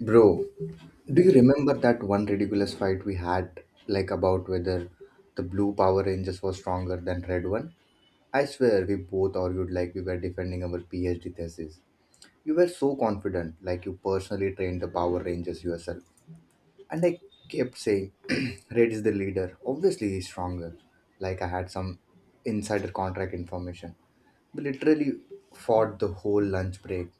Bro, do you Yeah. remember that one ridiculous fight we had, like about whether the blue Power Rangers was stronger than red one? I swear we both argued like we were defending our PhD thesis. You were so confident, like you personally trained the Power Rangers yourself. And I kept saying, red is the leader. Obviously, he's stronger. Like I had some insider contract information. We literally fought the whole lunch break,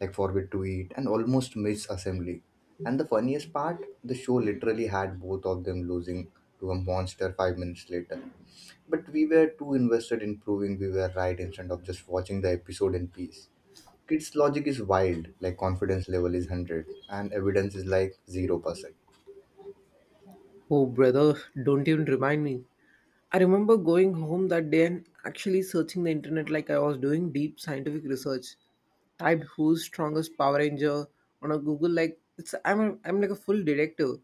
like forbid to eat, and almost missed assembly. And the funniest part, the show literally had both of them losing to a monster 5 minutes later. But we were too invested in proving we were right instead of just watching the episode in peace. Kids' logic is wild, like confidence level is 100, and evidence is like 0%. Oh, brother, don't even remind me. I remember going home that day and actually searching the internet like I was doing deep scientific research. Typed who's strongest Power Ranger on a Google like it's I'm like a full detective.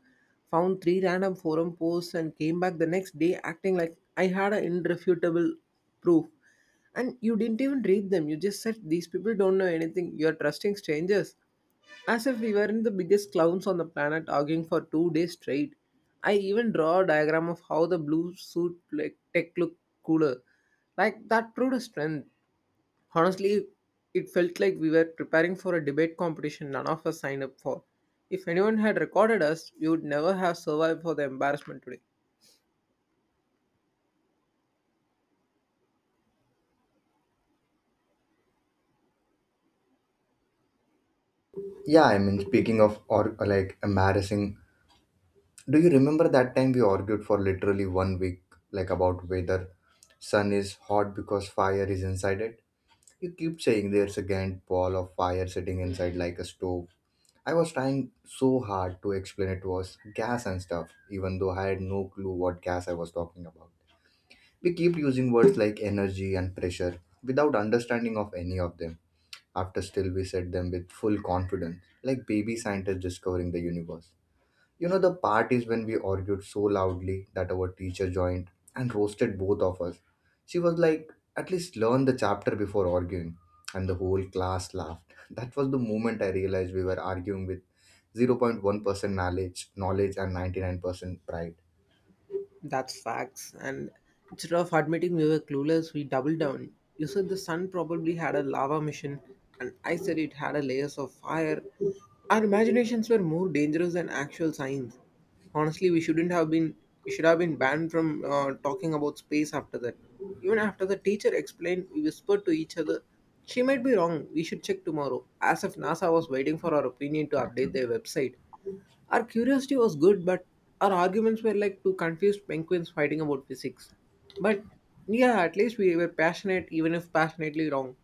Found three random forum posts and came back the next day acting like I had an irrefutable proof. And you didn't even read them. You just said, these people don't know anything. You're trusting strangers. As if we weren't the biggest clowns on the planet arguing for 2 days straight. I even draw a diagram of how the blue suit like tech looked cooler. Like that proved a strength. Honestly, it felt like we were preparing for a debate competition none of us signed up for. If anyone had recorded us, we would never have survived for the embarrassment today. Yeah, I mean, speaking of or like embarrassing, do you remember that time we argued for literally 1 week, like about whether sun is hot because fire is inside it? You keep saying there's a giant ball of fire sitting inside like a stove. I was trying so hard to explain it was gas and stuff, even though I had no clue what gas I was talking about. We keep using words like energy and pressure without understanding of any of them. After still we said them with full confidence, like baby scientists discovering the universe. The part is when we argued so loudly that our teacher joined and roasted both of us. She was like, at least learn the chapter before arguing. And the whole class laughed. That was the moment I realized we were arguing with 0.1% knowledge, knowledge and 99% pride. That's facts. And instead of admitting we were clueless, we doubled down. You said the sun probably had a lava mission, and I said it had a layers of fire. Our imaginations were more dangerous than actual science. Honestly, we shouldn't have been. We should have been banned from talking about space after that. Even after the teacher explained, we whispered to each other, "She might be wrong. We should check tomorrow." As if NASA was waiting for our opinion to update their website. Our curiosity was good, but our arguments were like two confused penguins fighting about physics. But yeah, at least we were passionate, even if passionately wrong.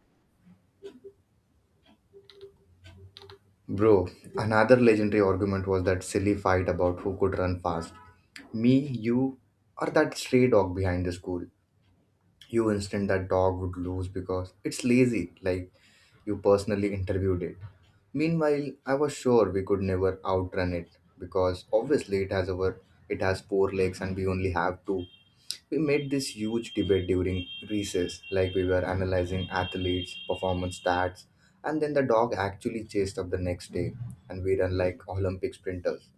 Bro, another legendary argument was that silly fight about who could run fast. Me, you, or that stray dog behind the school. You instant that dog would lose because it's lazy, like you personally interviewed it. Meanwhile, I was sure we could never outrun it because obviously it has four legs and we only have two. We made this huge debate during recess, like we were analyzing athletes, performance stats, and then the dog actually chased up the next day, and we ran like Olympic sprinters.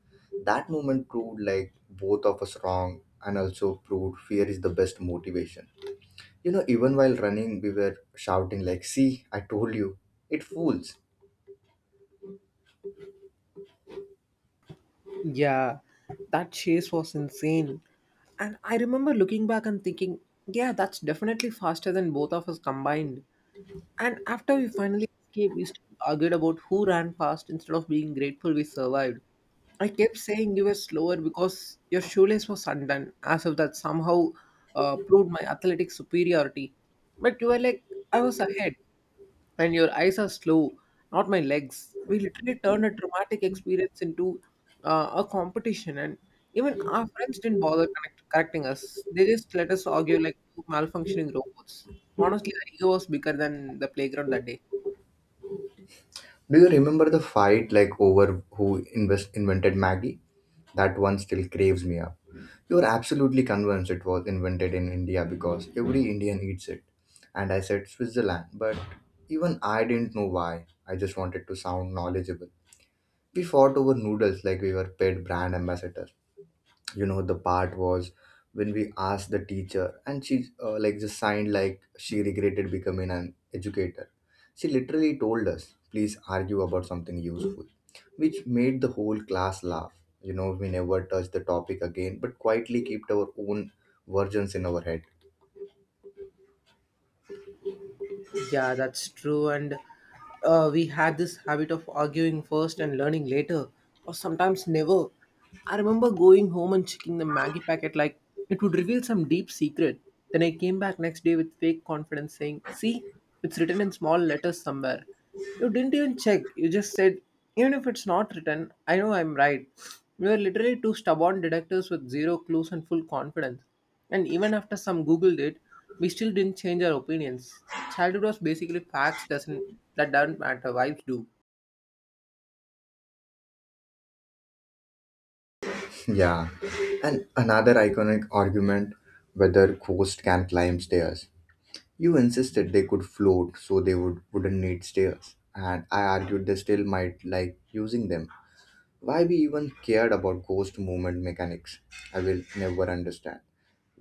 That moment proved like both of us wrong, and also proved fear is the best motivation. Even while running, we were shouting like, "See, I told you, it fools." Yeah, that chase was insane. And I remember looking back and thinking, yeah, that's definitely faster than both of us combined. And after we finally escaped, we still argued about who ran fast instead of being grateful we survived. I kept saying you were slower because your shoelace was undone, as if that somehow proved my athletic superiority. But you were like, I was ahead and your eyes are slow, not my legs. We literally turned a traumatic experience into a competition, and even our friends didn't bother correcting us. They just let us argue like two malfunctioning robots. Honestly, our ego was bigger than the playground that day. Do you remember the fight like over who invented Maggie? That one still craves me up. You were absolutely convinced it was invented in India because every Indian eats it. And I said Switzerland, but even I didn't know why. I just wanted to sound knowledgeable. We fought over noodles like we were paid brand ambassadors. You know the part was when we asked the teacher and she like just signed like she regretted becoming an educator. She literally told us, please argue about something useful, which made the whole class laugh. You know we never touched the topic again but quietly kept our own versions in our head. Yeah, that's true. And we had this habit of arguing first and learning later, or sometimes never. I remember going home and checking the Maggie packet like it would reveal some deep secret. Then I came back next day with fake confidence saying, see, it's written in small letters somewhere. You didn't even check. You just said, even if it's not written, I know I'm right. We were literally two stubborn detectives with zero clues and full confidence. And even after some Googled it, we still didn't change our opinions. Childhood was basically facts doesn't that don't matter, vibes do. Yeah, and another iconic argument, whether ghost can climb stairs. You insisted they could float so they wouldn't need stairs, and I argued they still might like using them. Why we even cared about ghost movement mechanics, I will never understand.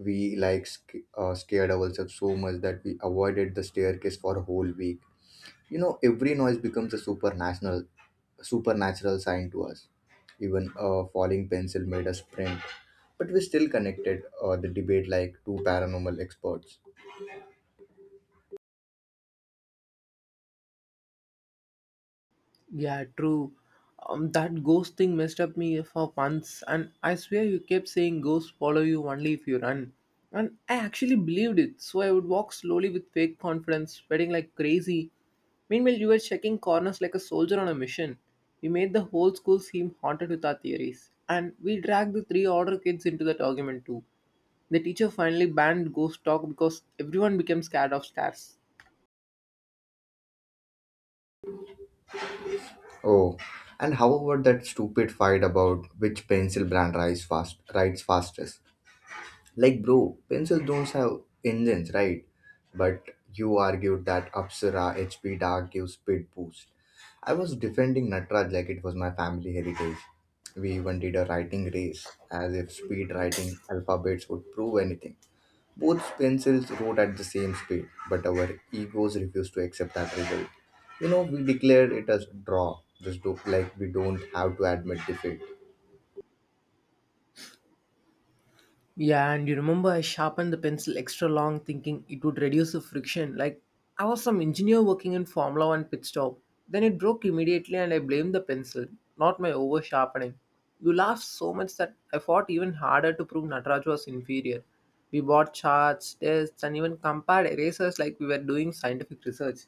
We like scared ourselves so much that we avoided the staircase for a whole week. You know, every noise becomes a supernatural sign to us. Even a falling pencil made us sprint, but we still connected the debate like two paranormal experts. Yeah, true. That ghost thing messed up me for months, and I swear you kept saying ghosts follow you only if you run. And I actually believed it, so I would walk slowly with fake confidence, sweating like crazy. Meanwhile, you were checking corners like a soldier on a mission. We made the whole school seem haunted with our theories, and we dragged the three order kids into that argument too. The teacher finally banned ghost talk because everyone became scared of stairs. Oh, and how about that stupid fight about which pencil brand rides fastest? Like, bro, pencils don't have engines, right? But you argued that Apsara HP Dark gives speed boost. I was defending Natraj like it was my family heritage. We even did a writing race, as if speed writing alphabets would prove anything. Both pencils wrote at the same speed, but our egos refused to accept that result. You know, we declared it as draw, just do, like we don't have to admit defeat. Yeah, and you remember I sharpened the pencil extra long thinking it would reduce the friction. Like I was some engineer working in Formula One pit stop. Then it broke immediately and I blamed the pencil, not my over sharpening. You laughed so much that I fought even harder to prove Nataraj was inferior. We bought charts, tests, and even compared erasers like we were doing scientific research.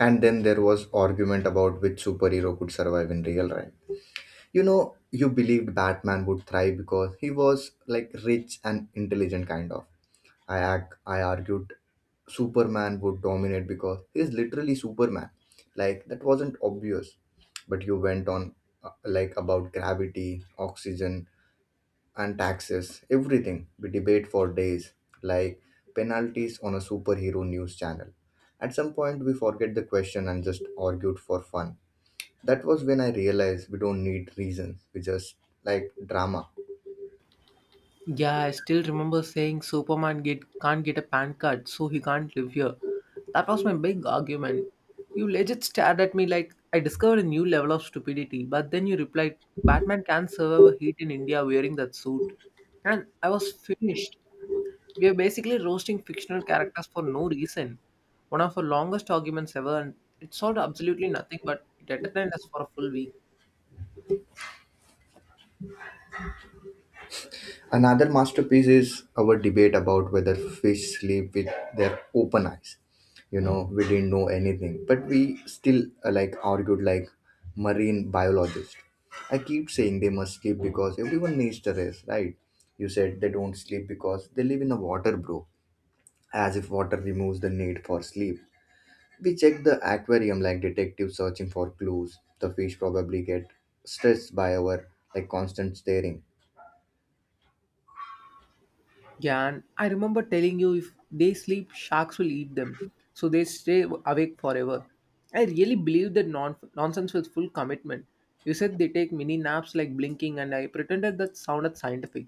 And then there was argument about which superhero could survive in real life. You know, you believed Batman would thrive because he was like rich and intelligent, kind of. I argued Superman would dominate because he's literally Superman. Like, that wasn't obvious. But you went on, like, about gravity, oxygen, and taxes, everything. We debate for days, like penalties on a superhero news channel. At some point, we forget the question and just argued for fun. That was when I realized we don't need reasons, we just like drama. Yeah, I still remember saying can't get a PAN card, so he can't live here. That was my big argument. You legit stared at me like I discovered a new level of stupidity, but then you replied, Batman can survive heat in India wearing that suit. And I was finished. We are basically roasting fictional characters for no reason. One of our longest arguments ever, and it solved absolutely nothing, but it entertained us for a full week. Another masterpiece is our debate about whether fish sleep with their open eyes. You know, we didn't know anything, but we still like argued like marine biologists. I keep saying they must sleep because everyone needs to rest, right? You said they don't sleep because they live in the water, bro. As if water removes the need for sleep. We check the aquarium like detectives searching for clues. The fish probably get stressed by our like constant staring. Yeah, and I remember telling you if they sleep, sharks will eat them. So they stay awake forever. I really believe that nonsense with full commitment. You said they take mini naps like blinking, and I pretended that sounded scientific.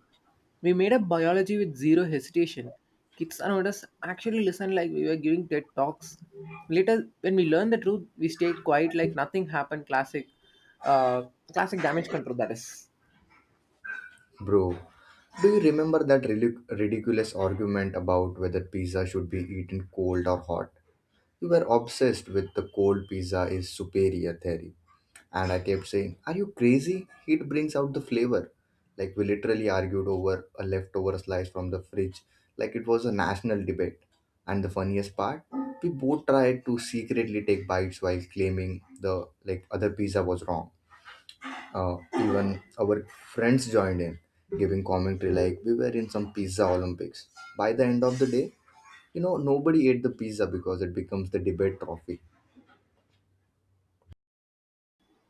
We made up biology with zero hesitation. Kids around us actually listened like we were giving TED talks. Later, when we learned the truth, we stayed quiet like nothing happened. Uh, classic damage control. That is. Bro, do you remember that ridiculous argument about whether pizza should be eaten cold or hot? You were obsessed with the cold pizza is superior theory. And I kept saying, are you crazy? Heat brings out the flavor. Like, we literally argued over a leftover slice from the fridge, like it was a national debate. And the funniest part, we both tried to secretly take bites while claiming the like other pizza was wrong. Even our friends joined in, giving commentary like we were in some pizza Olympics. By the end of the day, you know, nobody ate the pizza because it becomes the debate trophy.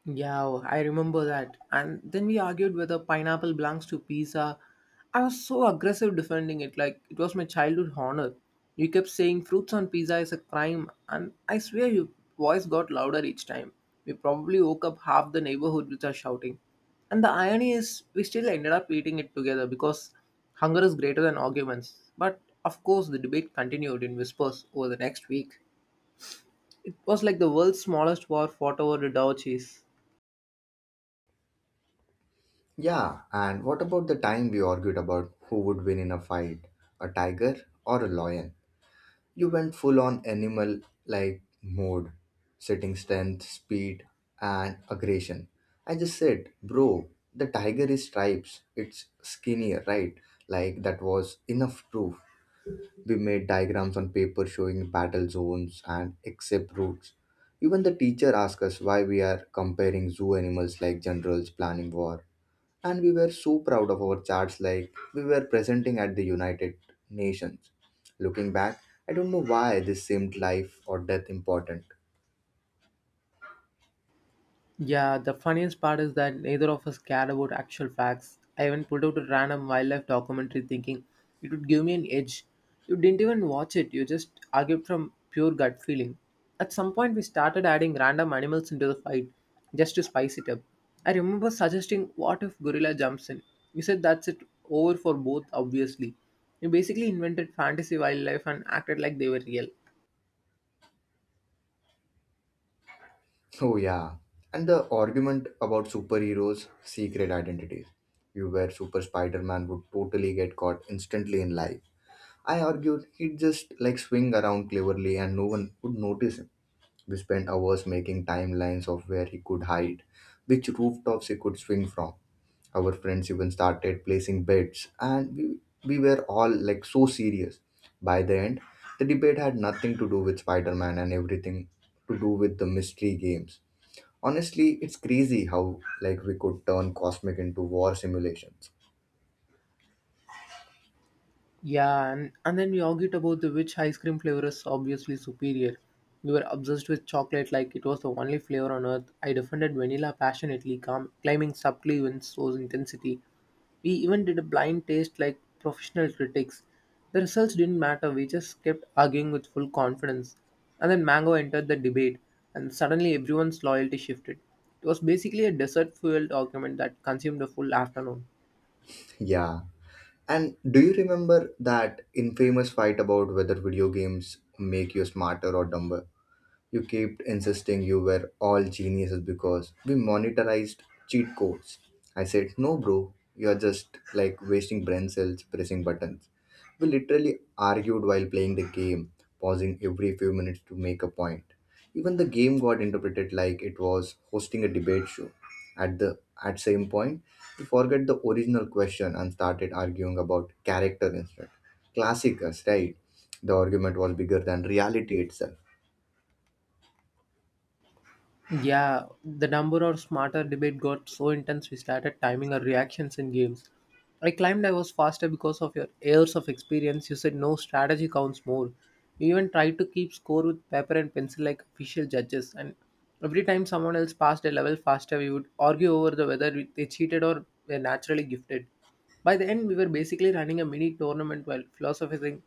Yeah, oh, I remember that. And then we argued whether pineapple belongs to pizza. I was so aggressive defending it, like it was my childhood honor. You kept saying fruits on pizza is a crime, and I swear your voice got louder each time. We probably woke up half the neighborhood with our shouting. And the irony is, we still ended up eating it together because hunger is greater than arguments. But of course, the debate continued in whispers over the next week. It was like the world's smallest war fought over a cheese. Yeah, and what about the time we argued about who would win in a fight, a tiger or a lion? You went full on animal like mode, sitting strength, speed, and aggression. I just said, bro, the tiger is stripes, it's skinnier, right? Like that was enough proof. We made diagrams on paper showing battle zones and escape routes. Even the teacher asked us why we are comparing zoo animals like generals planning war, and we were so proud of our charts like we were presenting at the United Nations. Looking back, I don't know why this seemed life or death important. Yeah, the funniest part is that neither of us cared about actual facts. I even pulled out a random wildlife documentary thinking it would give me an edge. You didn't even watch it, you just argued from pure gut feeling. At some point, we started adding random animals into the fight just to spice it up. I remember suggesting, what if gorilla jumps in? You said that's it over for both, obviously. You basically invented fantasy wildlife and acted like they were real. Oh yeah, and the argument about superheroes secret identities. You were super Spider-Man would totally get caught instantly in life. I argued he'd just like swing around cleverly and no one would notice him. We spent hours making timelines of where he could hide, which rooftops he could swing from. Our friends even started placing bets, and we were all like so serious. By the end, the debate had nothing to do with Spider Man and everything to do with the mystery games. Honestly, it's crazy how like we could turn cosmic into war simulations. Yeah, and then we argued about the which ice cream flavor is obviously superior. We were obsessed with chocolate like it was the only flavor on earth. I defended vanilla passionately, calm, claiming subtly in source intensity. We even did a blind taste like professional critics. The results didn't matter, we just kept arguing with full confidence. And then mango entered the debate, and suddenly everyone's loyalty shifted. It was basically a dessert fueled argument that consumed a full afternoon. Yeah, and do you remember that infamous fight about whether video games make you smarter or dumber? You kept insisting you were all geniuses because we monetarized cheat codes. I said, no, bro, you're just like wasting brain cells pressing buttons. We literally argued while playing the game, pausing every few minutes to make a point. Even the game got interpreted like it was hosting a debate show. At the at same point, we forget the original question and started arguing about character instead. Classic us, right? The argument was bigger than reality itself. Yeah, the number or smarter debate got so intense we started timing our reactions in games. I claimed I was faster because of your years of experience. You said no strategy counts more. You even tried to keep score with paper and pencil like official judges. And every time someone else passed a level faster, we would argue over the they cheated or were naturally gifted. By the end, we were basically running a mini tournament while philosophizing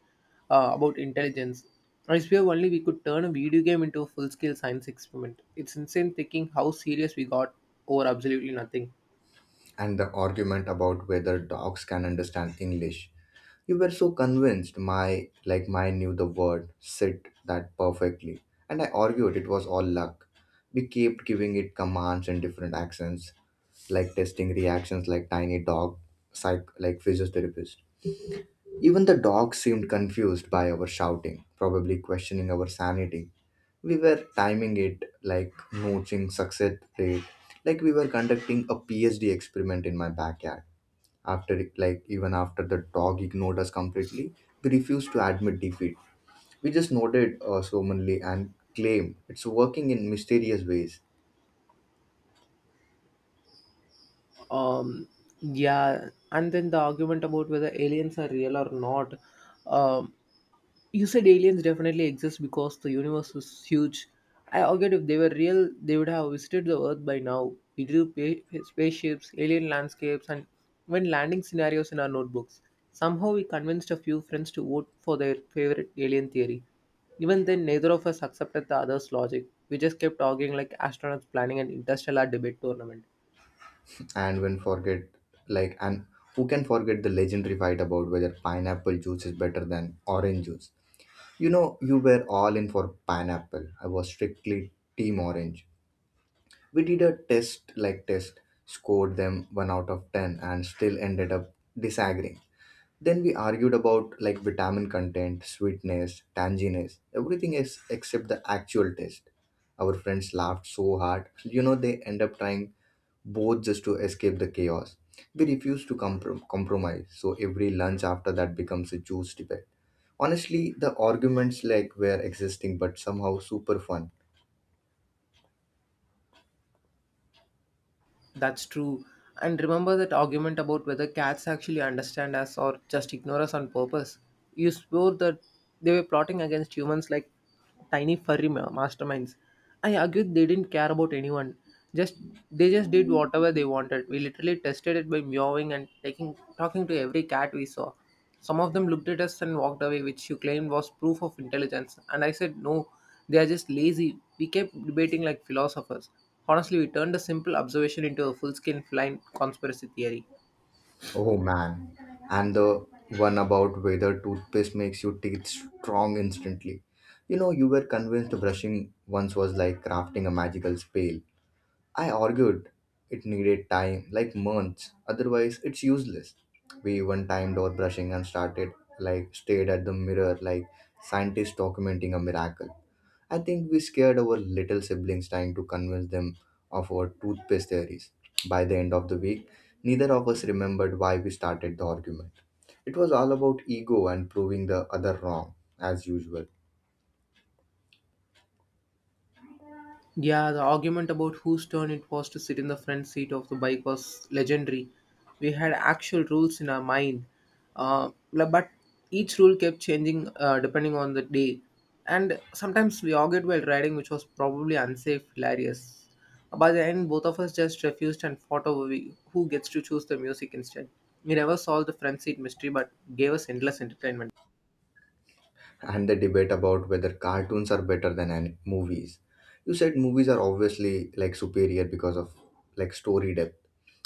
about intelligence. I swear only we could turn a video game into a full scale science experiment. It's insane thinking how serious we got over absolutely nothing. And the argument about whether dogs can understand English. You were so convinced my like mine knew the word sit that perfectly. And I argued it was all luck. We kept giving it commands in different accents, like testing reactions like tiny dog psych like physiotherapist. Even the dog seemed confused by our shouting, probably questioning our sanity. We were timing it like notching success rate, like we were conducting a PhD experiment in my backyard. Like even after the dog ignored us completely, we refused to admit defeat. We just nodded solemnly and claimed it's working in mysterious ways. Um, yeah, and then the argument about whether aliens are real or not. Um, You said aliens definitely exist because the universe is huge. I argued if they were real, they would have visited the Earth by now. We drew spaceships, alien landscapes, and even landing scenarios in our notebooks. Somehow, we convinced a few friends to vote for their favorite alien theory. Even then, neither of us accepted the other's logic. We just kept arguing like astronauts planning an interstellar debate tournament. And when forget like and who can forget the legendary fight about whether pineapple juice is better than orange juice? You know, you were all in for pineapple, I was strictly team orange. We did a test scored them 1 out of 10 and still ended up disagreeing. Then we argued about like vitamin content, sweetness, tanginess, everything is except the actual taste. Our friends laughed so hard. You know, they end up trying both just to escape the chaos. We refuse to compromise, so every lunch after that becomes a juice debate. Honestly, the arguments like were existing, but somehow super fun. That's true. And remember that argument about whether cats actually understand us or just ignore us on purpose. You swore that they were plotting against humans like tiny furry masterminds. I argued they didn't care about anyone. Just they just did whatever they wanted. We literally tested it by meowing and taking talking to every cat we saw. Some of them looked at us and walked away, which you claimed was proof of intelligence. And I said no. They are just lazy. We kept debating like philosophers. Honestly, we turned a simple observation into a full scale flying conspiracy theory. Oh man, and the one about whether toothpaste makes your teeth strong instantly. You know, you were convinced brushing once was like crafting a magical spell. I argued it needed time, like months, otherwise, it's useless. We even timed our brushing and like, stared at the mirror, like scientists documenting a miracle. I think we scared our little siblings trying to convince them of our toothpaste theories. By the end of the week, neither of us remembered why we started the argument. It was all about ego and proving the other wrong, as usual. Yeah, the argument about whose turn it was to sit in the front seat of the bike was legendary. We had actual rules in our mind, but each rule kept changing depending on the day. And sometimes we argued while riding, which was probably unsafe, hilarious. By the end, both of us just refused and fought over who gets to choose the music instead. We never solved the front seat mystery, but gave us endless entertainment. And the debate about whether cartoons are better than movies. You said movies are obviously like superior because of like story depth.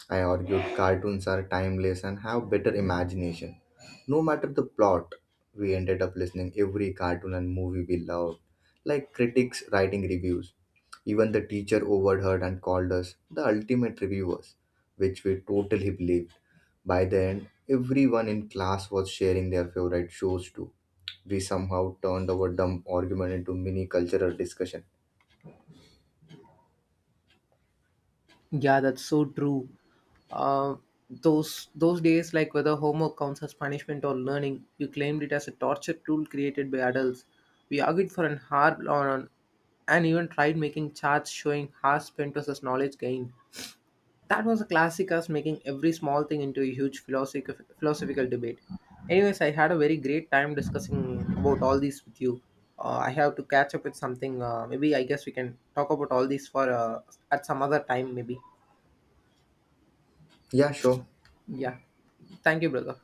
I argued cartoons are timeless and have better imagination. No matter the plot, we ended up listening every cartoon and movie we loved, like critics writing reviews. Even the teacher overheard and called us the ultimate reviewers, which we totally believed. By the end, everyone in class was sharing their favorite shows too. We somehow turned our dumb argument into mini cultural discussion. Yeah, that's so true. Uh, those days, like whether homework counts as punishment or learning, you claimed it as a torture tool created by adults. We argued for an hour on, and even tried making charts showing hours spent versus knowledge gained. That was a classic us making every small thing into a huge philosophical debate. Anyways, I had a very great time discussing about all these with you. I have to catch up with something. Maybe I guess we can talk about all these for at some other time, maybe. Yeah, sure. Yeah. Thank you, brother.